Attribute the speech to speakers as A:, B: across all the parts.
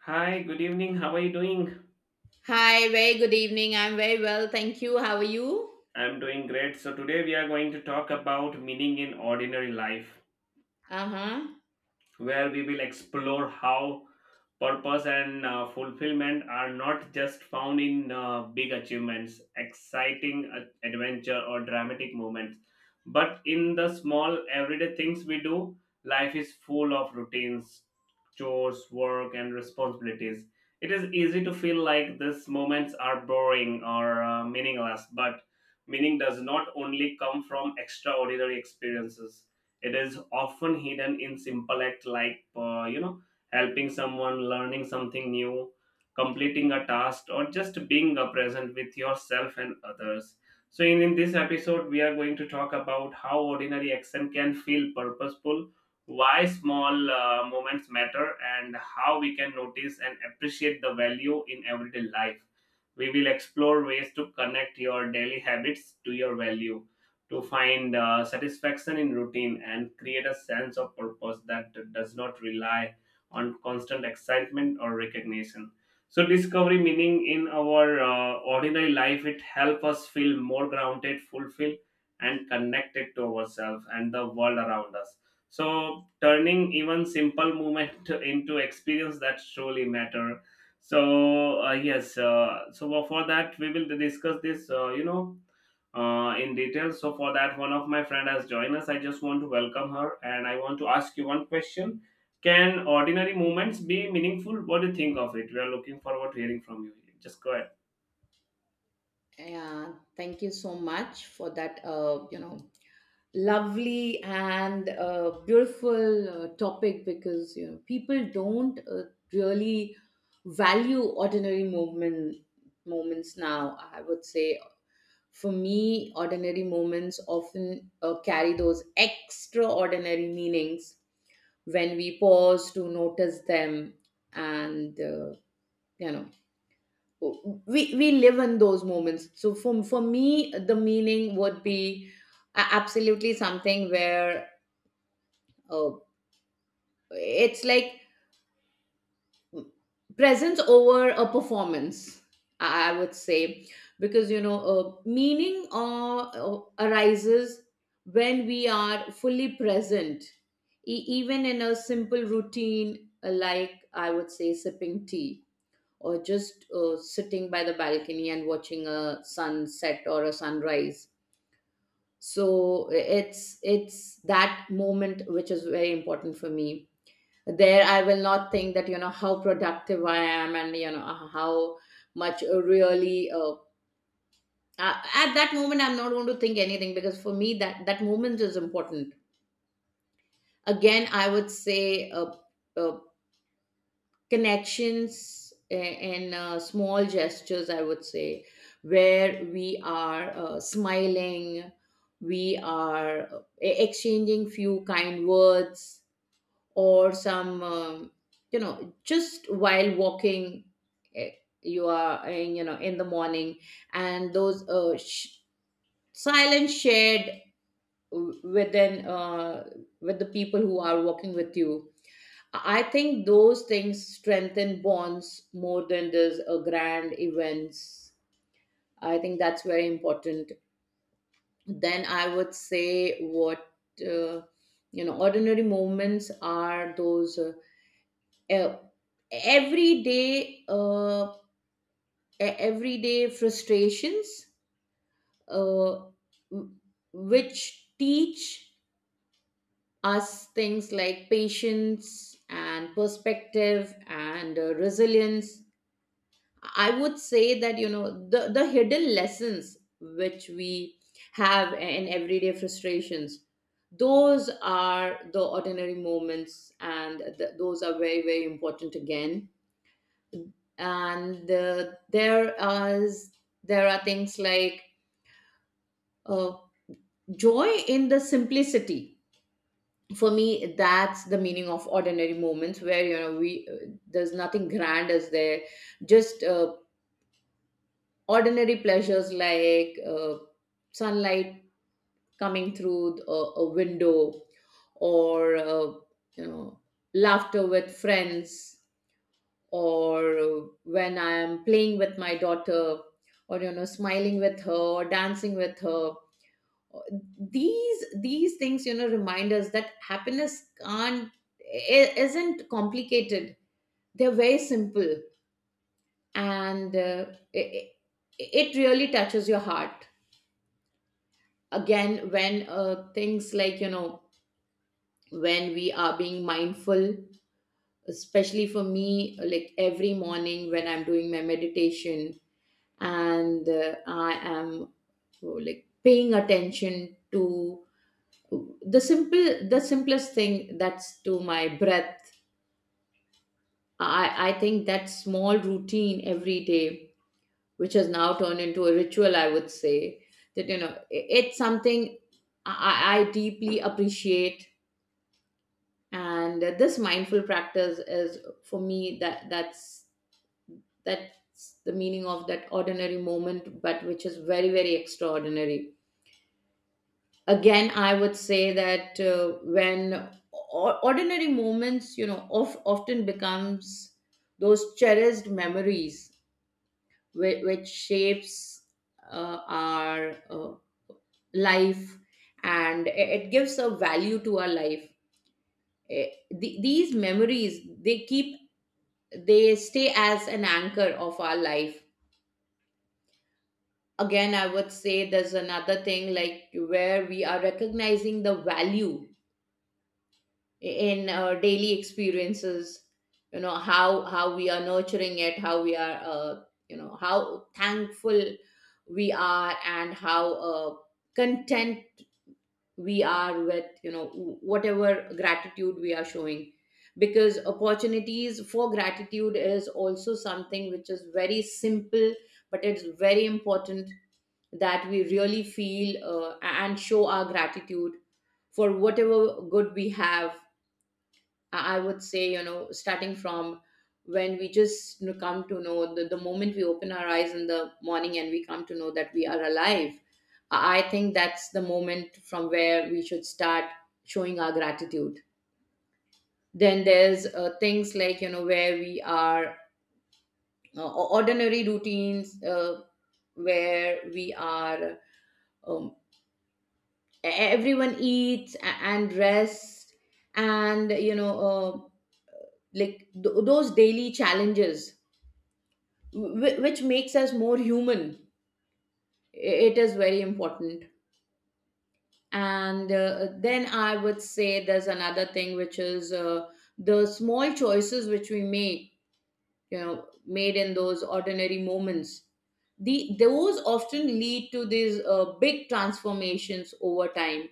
A: Hi, good evening. How are you doing?
B: Hi, very good evening. I'm very well. Thank you. How are you?
A: I'm doing great. Today we are going to talk about meaning in ordinary life.
B: Uh huh.
A: Where we will explore how purpose and fulfillment are not just found in big achievements, exciting adventure, or dramatic moments, but in the small everyday things we do. Life is full of routines, chores, work, and responsibilities. It is easy to feel like these moments are boring or meaningless, but meaning does not only come from extraordinary experiences it Is often hidden in simple acts like, helping someone, learning something new, completing a task, or just being present with yourself and others. So, in this episode, we are going to talk about how ordinary action can feel purposeful, why small moments matter, and how we can notice and appreciate the value in everyday life. We will explore ways to connect your daily habits to your value to find satisfaction in routine and create a sense of purpose that does not rely on constant excitement or recognition. So, discovery meaning in our ordinary life, it helps us feel more grounded, fulfilled, and connected to ourselves and the world around us. So, turning even simple movement into experience that truly matter. So for that, we will discuss this, in detail. So for that, one of my friend has joined us. I just want to welcome her, and I want to ask you one question: Can ordinary moments be meaningful? What do you think of it? We are looking forward to hearing from you. Just go ahead.
B: Yeah, thank you so much for that, you know, lovely and beautiful topic because, you know, people don't really value moments now. I would say for me, ordinary moments often carry those extraordinary meanings when we pause to notice them and you know, we live in those moments. So for me the meaning would be absolutely something where, uh, it's like presence over a performance, I would say, because you know, meaning uh, arises when we are fully present, even in a simple routine, like I would say sipping tea or just sitting by the balcony and watching a sunset or a sunrise. So it's that moment which is very important for me. There I will not think that, you know, how productive I am, and you know how much at that moment I'm not going to think anything, because for me that moment is important. Again I would say, uh, connections and small gestures, I would say, where we are smiling, we are exchanging few kind words, or some you know, just while walking, eh, you are in, you know, in the morning, and those silent shared, within, with the people who are walking with you. I think those things strengthen bonds more than does a grand events. I think that's very important. Then I would say what, uh, you know, ordinary moments are those e- everyday uh, everyday frustrations, uh, w- which teach us things like patience and perspective and resilience. I would say that, you know, the hidden lessons which we have in everyday frustrations, those are the ordinary moments, and those are very very important again. And is there are things like uh, joy in the simplicity. For me that's the meaning of ordinary moments, where, you know, we there's nothing grand as there, just ordinary pleasures like sunlight coming through a window, or you know, laughter with friends, or when I am playing with my daughter, or you know, smiling with her or dancing with her. These things, you know, remind us that happiness can't I- isn't complicated. They're very simple, and it, it really touches your heart. Again, when things like, you know, when we are being mindful, especially for me, like every morning when I'm doing my meditation, and I am, oh, like paying attention to the simplest thing, that's to my breath. I think that small routine every day, which has now turned into a ritual, I would say, that you know, it's something I deeply appreciate. And this mindful practice is for me that's the meaning of that ordinary moment, but which is very very extraordinary. Again I would say that, when ordinary moments, you know of, often becomes those cherished memories, which shapes our life, and it gives a value to our life. Eh, these memories, they keep, they stay as an anchor of our life. Again, I would say there's another thing, like where we are recognizing the value in our daily experiences. You know, how we are nurturing it, how we are, you know, how thankful we are, and how content we are with, you know, whatever gratitude we are showing. Because opportunities for gratitude is also something which is very simple, but it's very important that we really feel and show our gratitude for whatever good we have. I would say, you know, starting from when we just, you know, come to know the moment we open our eyes in the morning and we come to know that we are alive, I think that's the moment from where we should start showing our gratitude. Then there's things like, you know, where we are ordinary routines, where we are, um, everyone eats and rests, and, you know, like those daily challenges which makes us more human. I- it is very important. And then I would say there's another thing which is the small choices which we make, you know, made in those ordinary moments. The those often lead to these big transformations over time,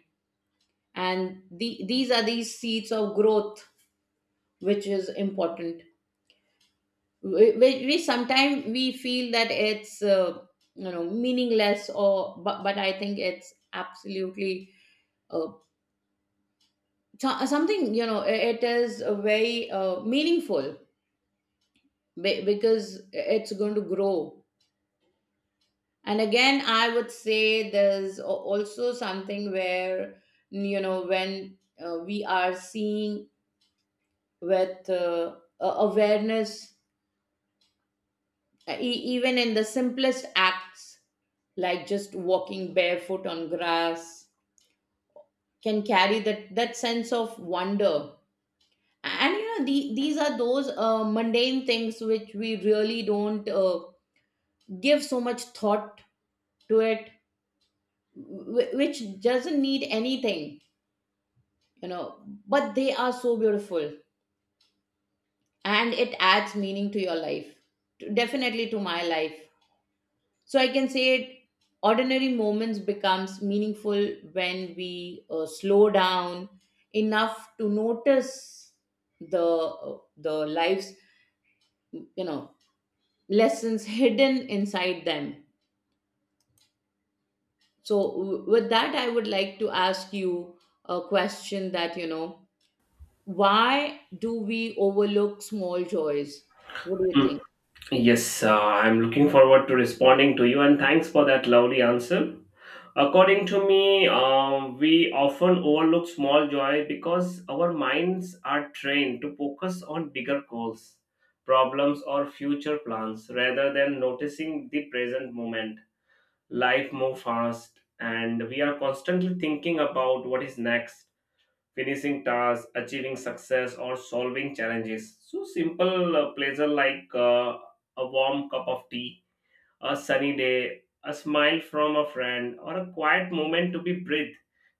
B: and these are these seeds of growth which is important. We sometimes we feel that it's you know, meaningless or, but I think it's absolutely uh, something, you know, it is a very meaningful, because it's going to grow. And again I would say there's also something where, you know, when we are seeing with awareness. Even in the simplest acts, like just walking barefoot on grass, can carry that, that sense of wonder. And you know, these are those mundane things which we really don't give so much thought to it, which doesn't need anything, you know, but they are so beautiful, and it adds meaning to your life, definitely to my life. So I can say it, ordinary moments becomes meaningful when we slow down enough to notice the the lives, you know, lessons hidden inside them. So with that, I would like to ask you a question, that you know, why do we overlook small joys? What do you think?
A: Yes, I'm looking forward to responding to you, and thanks for that lovely answer. According to me, we often overlook small joy because our minds are trained to focus on bigger goals, problems, or future plans rather than noticing the present moment. Life moves fast, and we are constantly thinking about what is next finishing tasks, achieving success, or solving challenges. So simple pleasure like a warm cup of tea, a sunny day, a smile from a friend, or a quiet moment to be breathed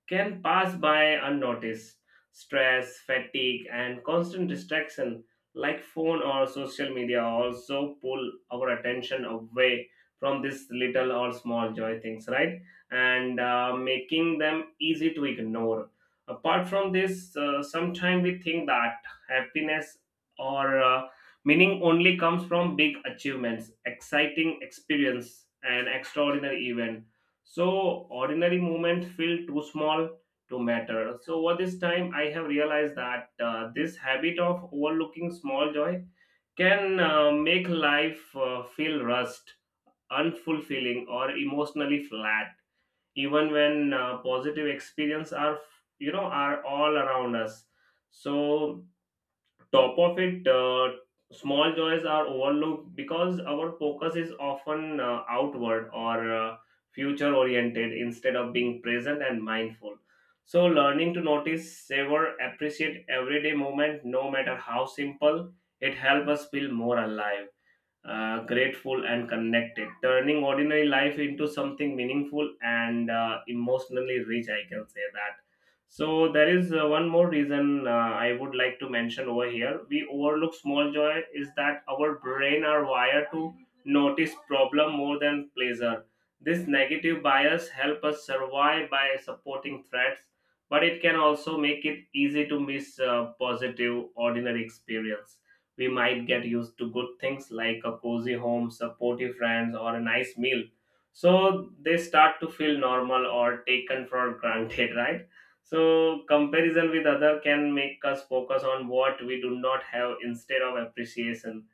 A: can pass by unnoticed. Stress, fatigue, and constant distraction like phone or social media also pull our attention away from these little or small joy things, right? And making them easy to ignore. Apart from this, sometimes we think that happiness or meaning only comes from big achievements, exciting experience, and extraordinary event. So ordinary moments feel too small to matter. So over this time, I have realized that this habit of overlooking small joy can make life feel rushed, unfulfilling, or emotionally flat, even when positive experience are, are all around us. So top of it, small joys are overlooked because our focus is often outward or future oriented instead of being present and mindful. So, learning to notice, savor, appreciate everyday moment, no matter how simple, it helps us feel more alive, grateful and connected, turning ordinary life into something meaningful and emotionally rich. I can say that. So there is one more reason I would like to mention over here. We overlook small joy is that our brain are wired to notice problem more than pleasure. This negative bias help us survive by supporting threats, but it can also make it easy to miss positive ordinary experience. We might get used to good things like a cozy home, supportive friends, or a nice meal. So they start to feel normal or taken for granted, right? So comparison with other can make us focus on what we do not have instead of appreciation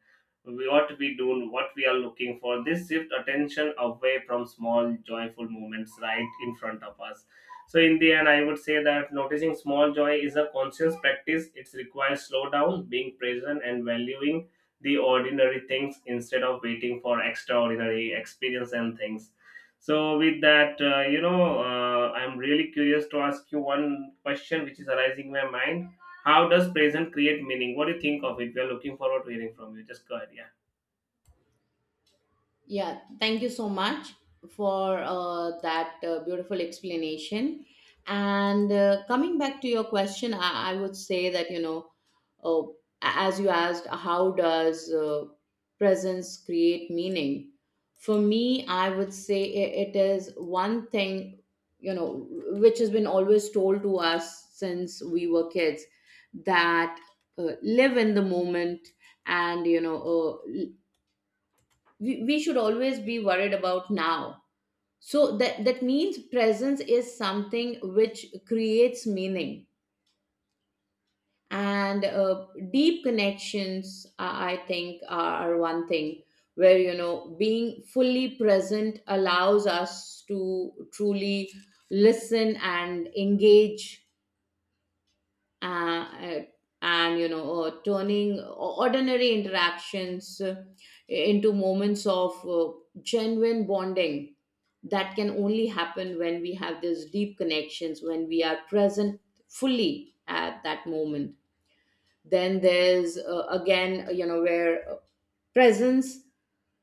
A: we ought to be doing what we are looking for. This shift attention away from small joyful moments right in front of us. So in the end, I would say that noticing small joy is a conscious practice. It requires slow down, being present, and valuing the ordinary things instead of waiting for extraordinary experience and things. So with that, I'm really curious to ask you one question which is arising in my mind. How does present create meaning? What do you think of it? We are looking forward to hearing from you. Just go ahead. Yeah.
B: Yeah, thank you so much for that beautiful explanation. And coming back to your question, I would say that, you know, uh, as you asked, how does presence create meaning? For me, I would say it is one thing, you know, which has been always told to us since we were kids, that live in the moment, and, you know, uh, we should always be worried about now. So that, that means presence is something which creates meaning. And deep connections, I think, are one thing where, you know, being fully present allows us to truly listen and engage, uh, uh, and you know, turning ordinary interactions into moments of genuine bonding. That can only happen when we have these deep connections, when we are present fully at that moment. Then there's again, you know, where presence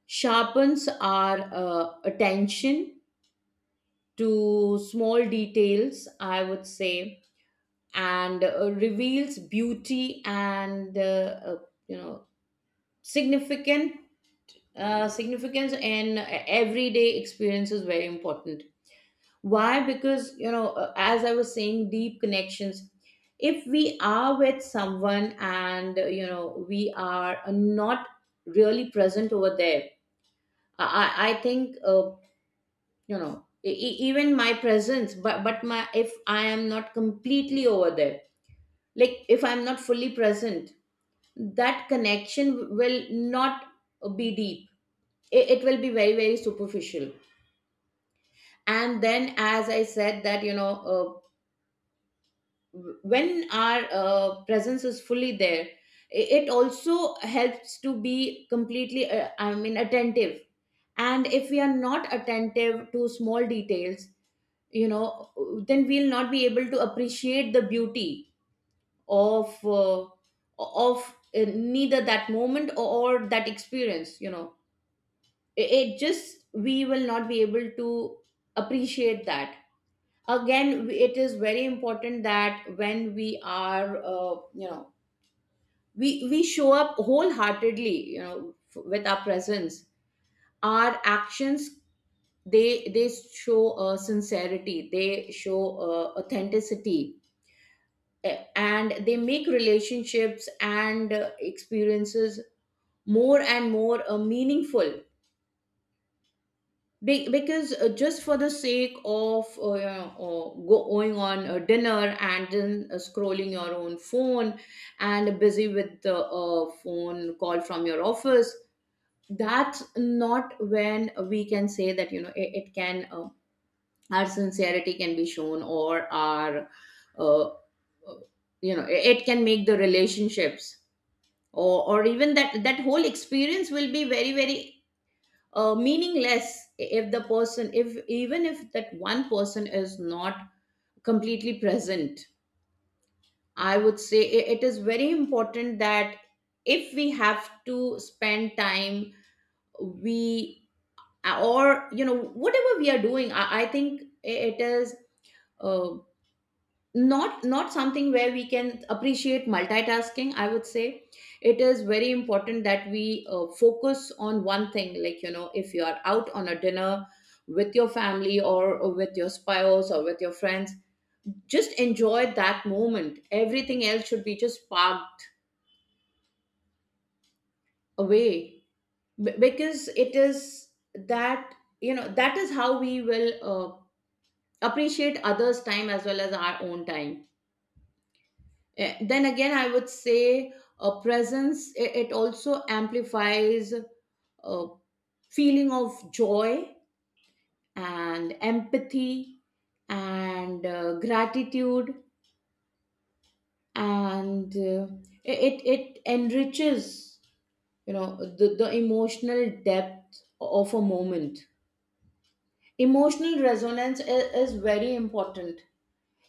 B: sharpens our attention to small details, I would say, and reveals beauty and uh, you know, significant, significance in everyday experience is very important. Why? Because you know as I was saying, deep connections, if we are with someone and, you know, we are not really present over there, I think, you know, even my presence, but my, if I am not completely over there, like if I'm not fully present, that connection will not be deep. It will be very very superficial. And then, as I said, that you know, when our presence is fully there, it also helps to be completely I mean attentive. And if we are not attentive to small details, you know, then we'll not be able to appreciate the beauty of of neither that moment, or that experience, you know. It just, we will not be able to appreciate that. Again, it is very important that when we are you know, we show up wholeheartedly, you know, with our presence, our actions, they they show sincerity, they show authenticity. Eh, and they make relationships and experiences more and more meaningful. Because just for the sake of you know, going on a dinner and then scrolling your own phone, and busy with the phone call from your office, that's not when we can say that, you know, it can our sincerity can be shown, or our, uh, uh, you know, it can make the relationships, or even that, that whole experience will be very very meaningless if the person, if even if that one person is not completely present. I would say it is very important that if we have to spend time, we, or you know, whatever we are doing, I think it is uh, not, not something where we can appreciate multitasking, I would say. It is very important that we focus on one thing, like you know, if you are out on a dinner with your family or with your spouse or with your friends, just enjoy that moment, everything else should be just parked away. Because it is that, you know, that is how we will appreciate others time as well as our own time. Then again, I would say a presence, it also amplifies a feeling of joy and empathy and gratitude, and it enriches the emotional depth of a moment. Emotional resonance is very important.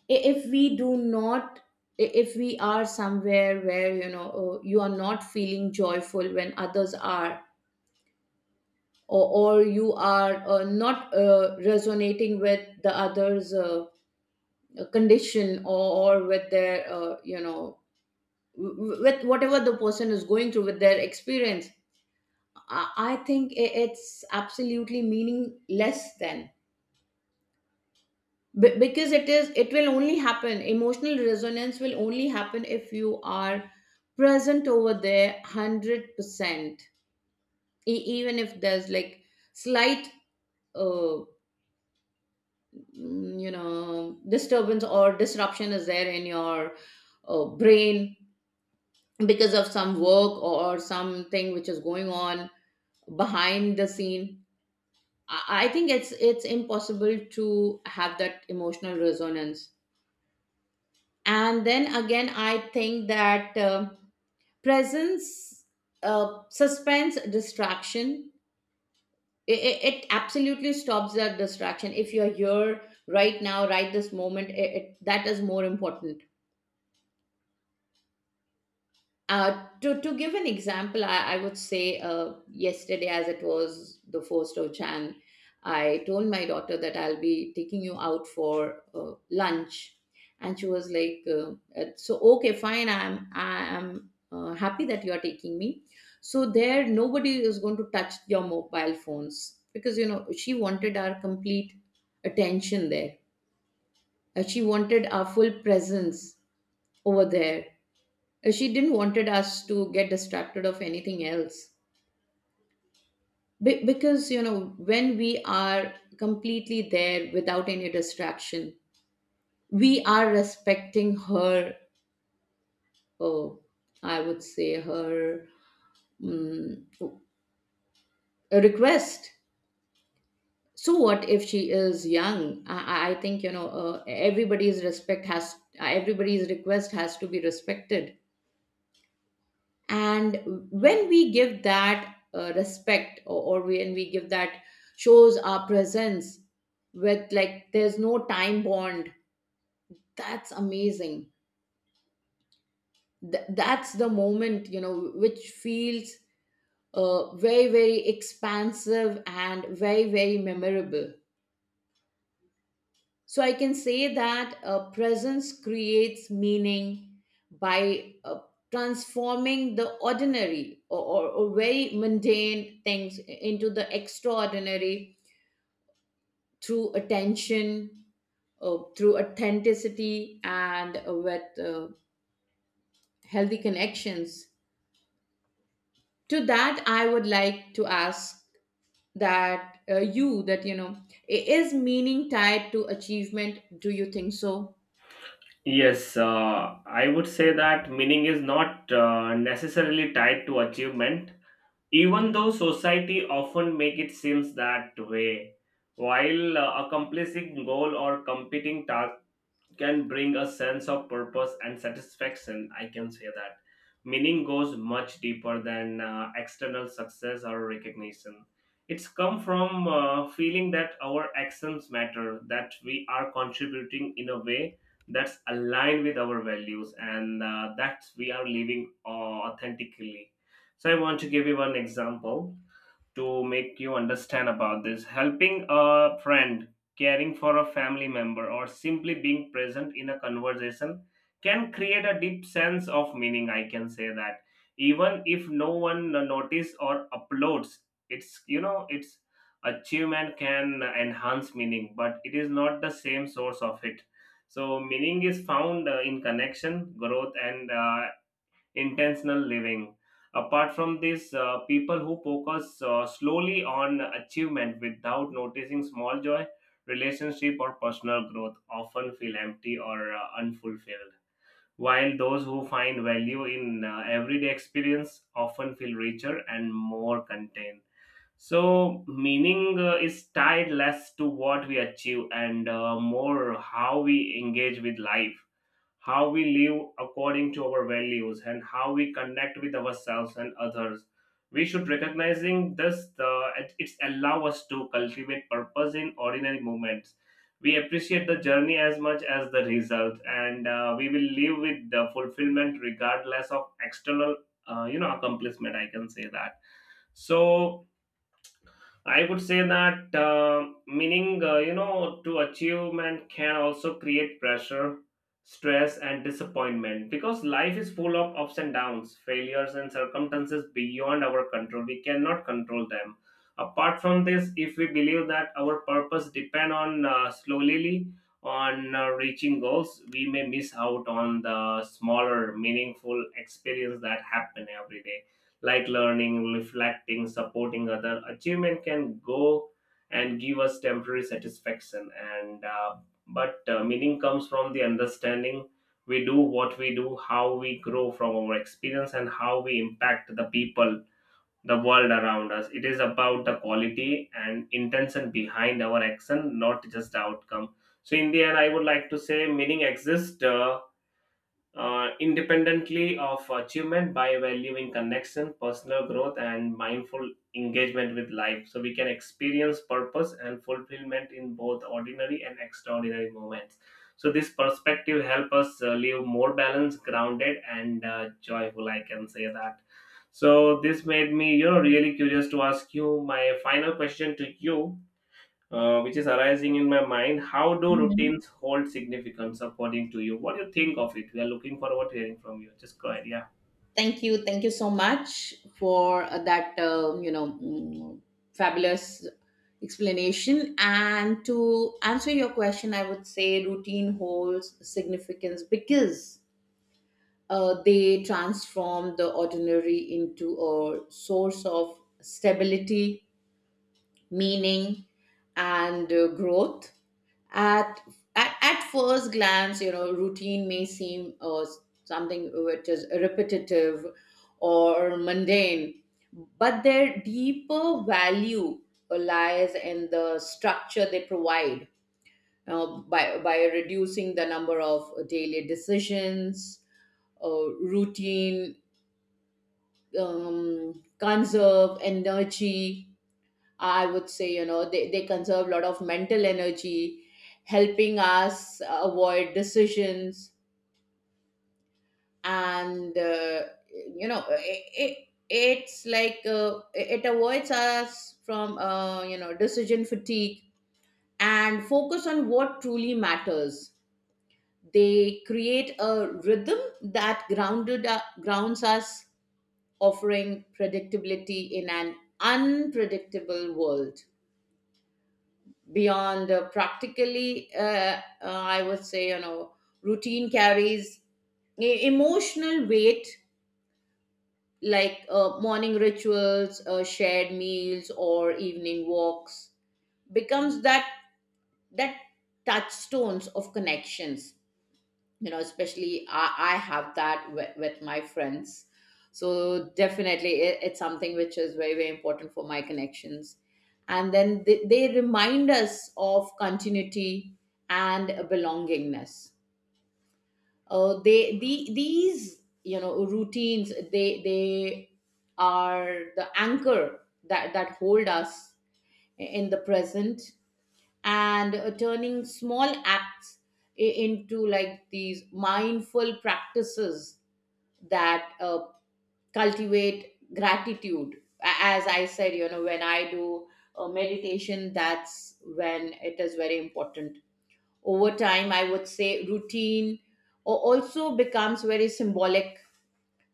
B: If we do not, if we are somewhere where you are not feeling joyful when others are, or you are not resonating with the others, condition, or with their with whatever the person is going through, with their experience, I think it's absolutely meaningless then. Because it is it will only happen, emotional resonance will only happen if you are present over there 100%. E- Even if there's like slight uh, disturbance or disruption is there in your brain because of some work or something which is going on behind the scene, I think it's impossible to have that emotional resonance. And then again, I think that presence, suspense, distraction, it, it, absolutely stops that distraction. If you're here right now, right this moment, that is more important. To give an example, I would say yesterday, as it was the 1st of Jan, I told my daughter that I'll be taking you out for lunch. And she was like, so okay, fine. I'm happy that you're taking me. So there, nobody is going to touch your mobile phones because, she wanted our complete attention there. She wanted our full presence over there. She didn't wanted us to get distracted of anything else. Because when we are completely there without any distraction, we are respecting her. Oh, I would say her mm, request. So what if she is young? I think everybody's respect has everybody's request has to be respected. And when we give that respect, or when we give that, shows our presence with, like, there's no time bond, that's amazing. That's the moment, which feels very, very expansive and very, very memorable. So I can say that presence creates meaning by transforming the ordinary, or very mundane things, into the extraordinary through attention, through authenticity, and with healthy connections. To that, I would like to ask that is meaning tied to achievement, do you think so?
A: Yes, I would say that meaning is not necessarily tied to achievement, even though society often make it seems that way. While accomplishing goal or competing task can bring a sense of purpose and satisfaction. I can say that. Meaning goes much deeper than external success or recognition. It's come from feeling that our actions matter, that we are contributing in a way that's aligned with our values, and that we are living authentically. So, I want to give you one example to make you understand about this: helping a friend, caring for a family member, or simply being present in a conversation can create a deep sense of meaning. I can say that, even if no one notices or uploads it's, it's achievement can enhance meaning, but it is not the same source of it. So meaning is found in connection, growth, and intentional living. Apart from this, people who focus slowly on achievement without noticing small joy, relationship, or personal growth often feel empty or unfulfilled. While those who find value in everyday experience often feel richer and more content. So, meaning is tied less to what we achieve and more how we engage with life, how we live according to our values, and how we connect with ourselves and others. We should recognizing it's allow us to cultivate purpose in ordinary moments. We appreciate the journey as much as the result, and we will live with the fulfillment regardless of external, accomplishment. I can say that. So I would say that meaning, to achievement can also create pressure, stress, and disappointment because life is full of ups and downs, failures, and circumstances beyond our control. We cannot control them. Apart from this, if we believe that our purpose depend on slowly on reaching goals, we may miss out on the smaller, meaningful experience that happen every day, like learning, reflecting, supporting other achievement can go and give us temporary satisfaction, and but meaning comes from the understanding. We do what we do, how we grow from our experience, and how we impact the people, the world around us. It is about the quality and intention behind our action, not just the outcome. So in the end, I would like to say meaning exists independently of achievement by valuing connection, personal growth, and mindful engagement with life. So we can experience purpose and fulfillment in both ordinary and extraordinary moments. So this perspective help us live more balanced, grounded, and joyful. I can say that. So this made me, really curious to ask you my final question to you, which is arising in my mind. How do
B: Mhm.
A: routines hold significance according to you? What do you think of it? We are looking forward to hearing from you. Just go ahead. Yeah.
B: Thank you. Thank you so much for that, fabulous explanation. And to answer your question, I would say routine holds significance because they transform the ordinary into a source of stability, meaning, and growth. at, at first glance, routine may seem something which is repetitive or mundane, but their deeper value lies in the structure they provide. By reducing the number of daily decisions, routine, um, conserve energy. I would say, they conserve a lot of mental energy, helping us avoid decisions. And, you know, it, it, it's like, it avoids us from, decision fatigue, and focus on what truly matters. They create a rhythm that grounded grounds us, offering predictability in an unpredictable world. Beyond practically, I would say, routine carries emotional weight, like morning rituals, shared meals, or evening walks, becomes that that touchstones of connections. Especially, I have that with my friends. So definitely it's something which is very, very important for my connections. And then they remind us of continuity and belongingness. These, routines, they are the anchor that hold us in the present, and turning small acts into, like, these mindful practices that cultivate gratitude. As I said, when I do meditation, that's when it is very important. Over time, I would say routine or also becomes very symbolic.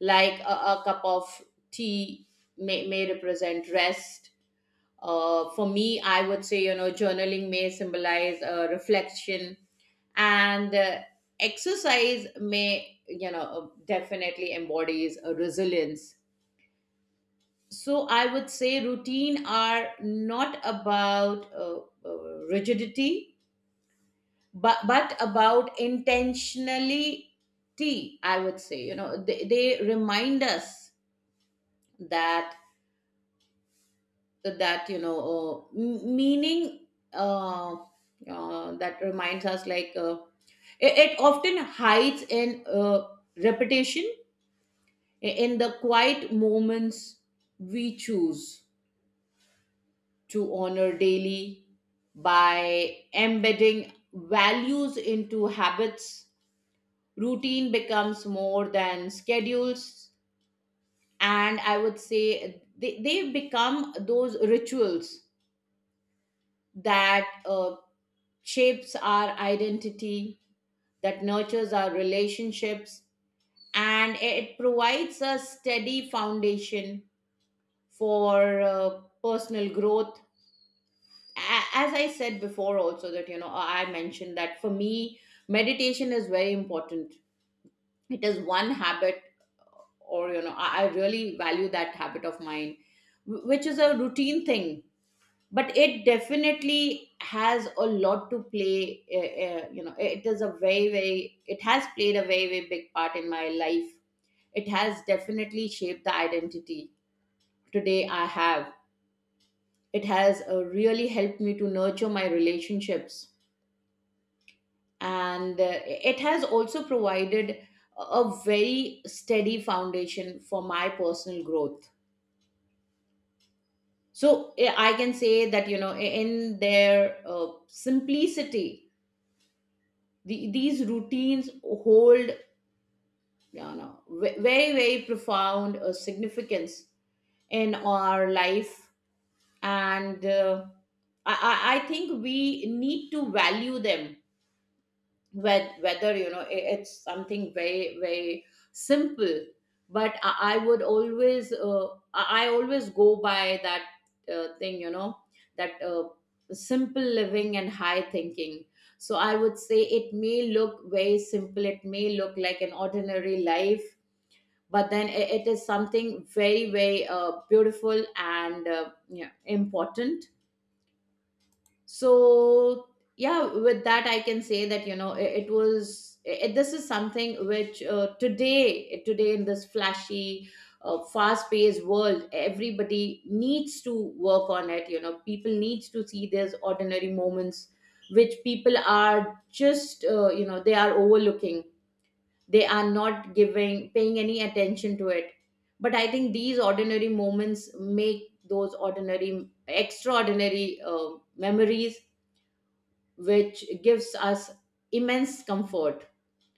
B: Like a cup of tea may represent rest. For me, I would say, journaling may symbolize reflection, and exercise may, definitely embodies a resilience. So I would say routine are not about rigidity, but about intentionality, I would say. They remind us that, so that, meaning, uh, that reminds us, like, it often hides in repetition, in the quiet moments we choose to honor daily. By embedding values into habits, routine becomes more than schedules, and I would say they become those rituals that shapes our identity, that nurtures our relationships, and it provides a steady foundation for personal growth. As I said before, also, that I mentioned that for me, meditation is very important. It is one habit, or I really value that habit of mine, which is a routine thing, but it definitely has a lot to play. It is a very, very, it has played a very, very big part in my life. It has definitely shaped the identity today I have. It has really helped me to nurture my relationships, and it has also provided a very steady foundation for my personal growth. So, I can say that, in their uh, simplicity, these routines hold, very, very profound significance in our life. And I think we need to value them, whether it's something very, very simple. But I would always, I always go by that thing, that, simple living and high thinking. So I would say it may look very simple, it may look like an ordinary life, but then it is something very, very beautiful and yeah, important. So, yeah, with that I can say that, this is something which, today in this flashy fast paced world, everybody needs to work on it. People needs to see these ordinary moments which people are just, they are overlooking, they are not giving, paying any attention to it. But I think these ordinary moments make those ordinary extraordinary memories which gives us immense comfort.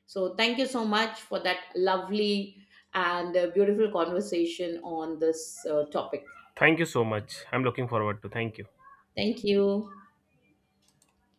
B: So, thank you so much for that lovely and beautiful conversation on this topic.
A: Thank you so much. I'm looking forward to. Thank you.
B: Thank you.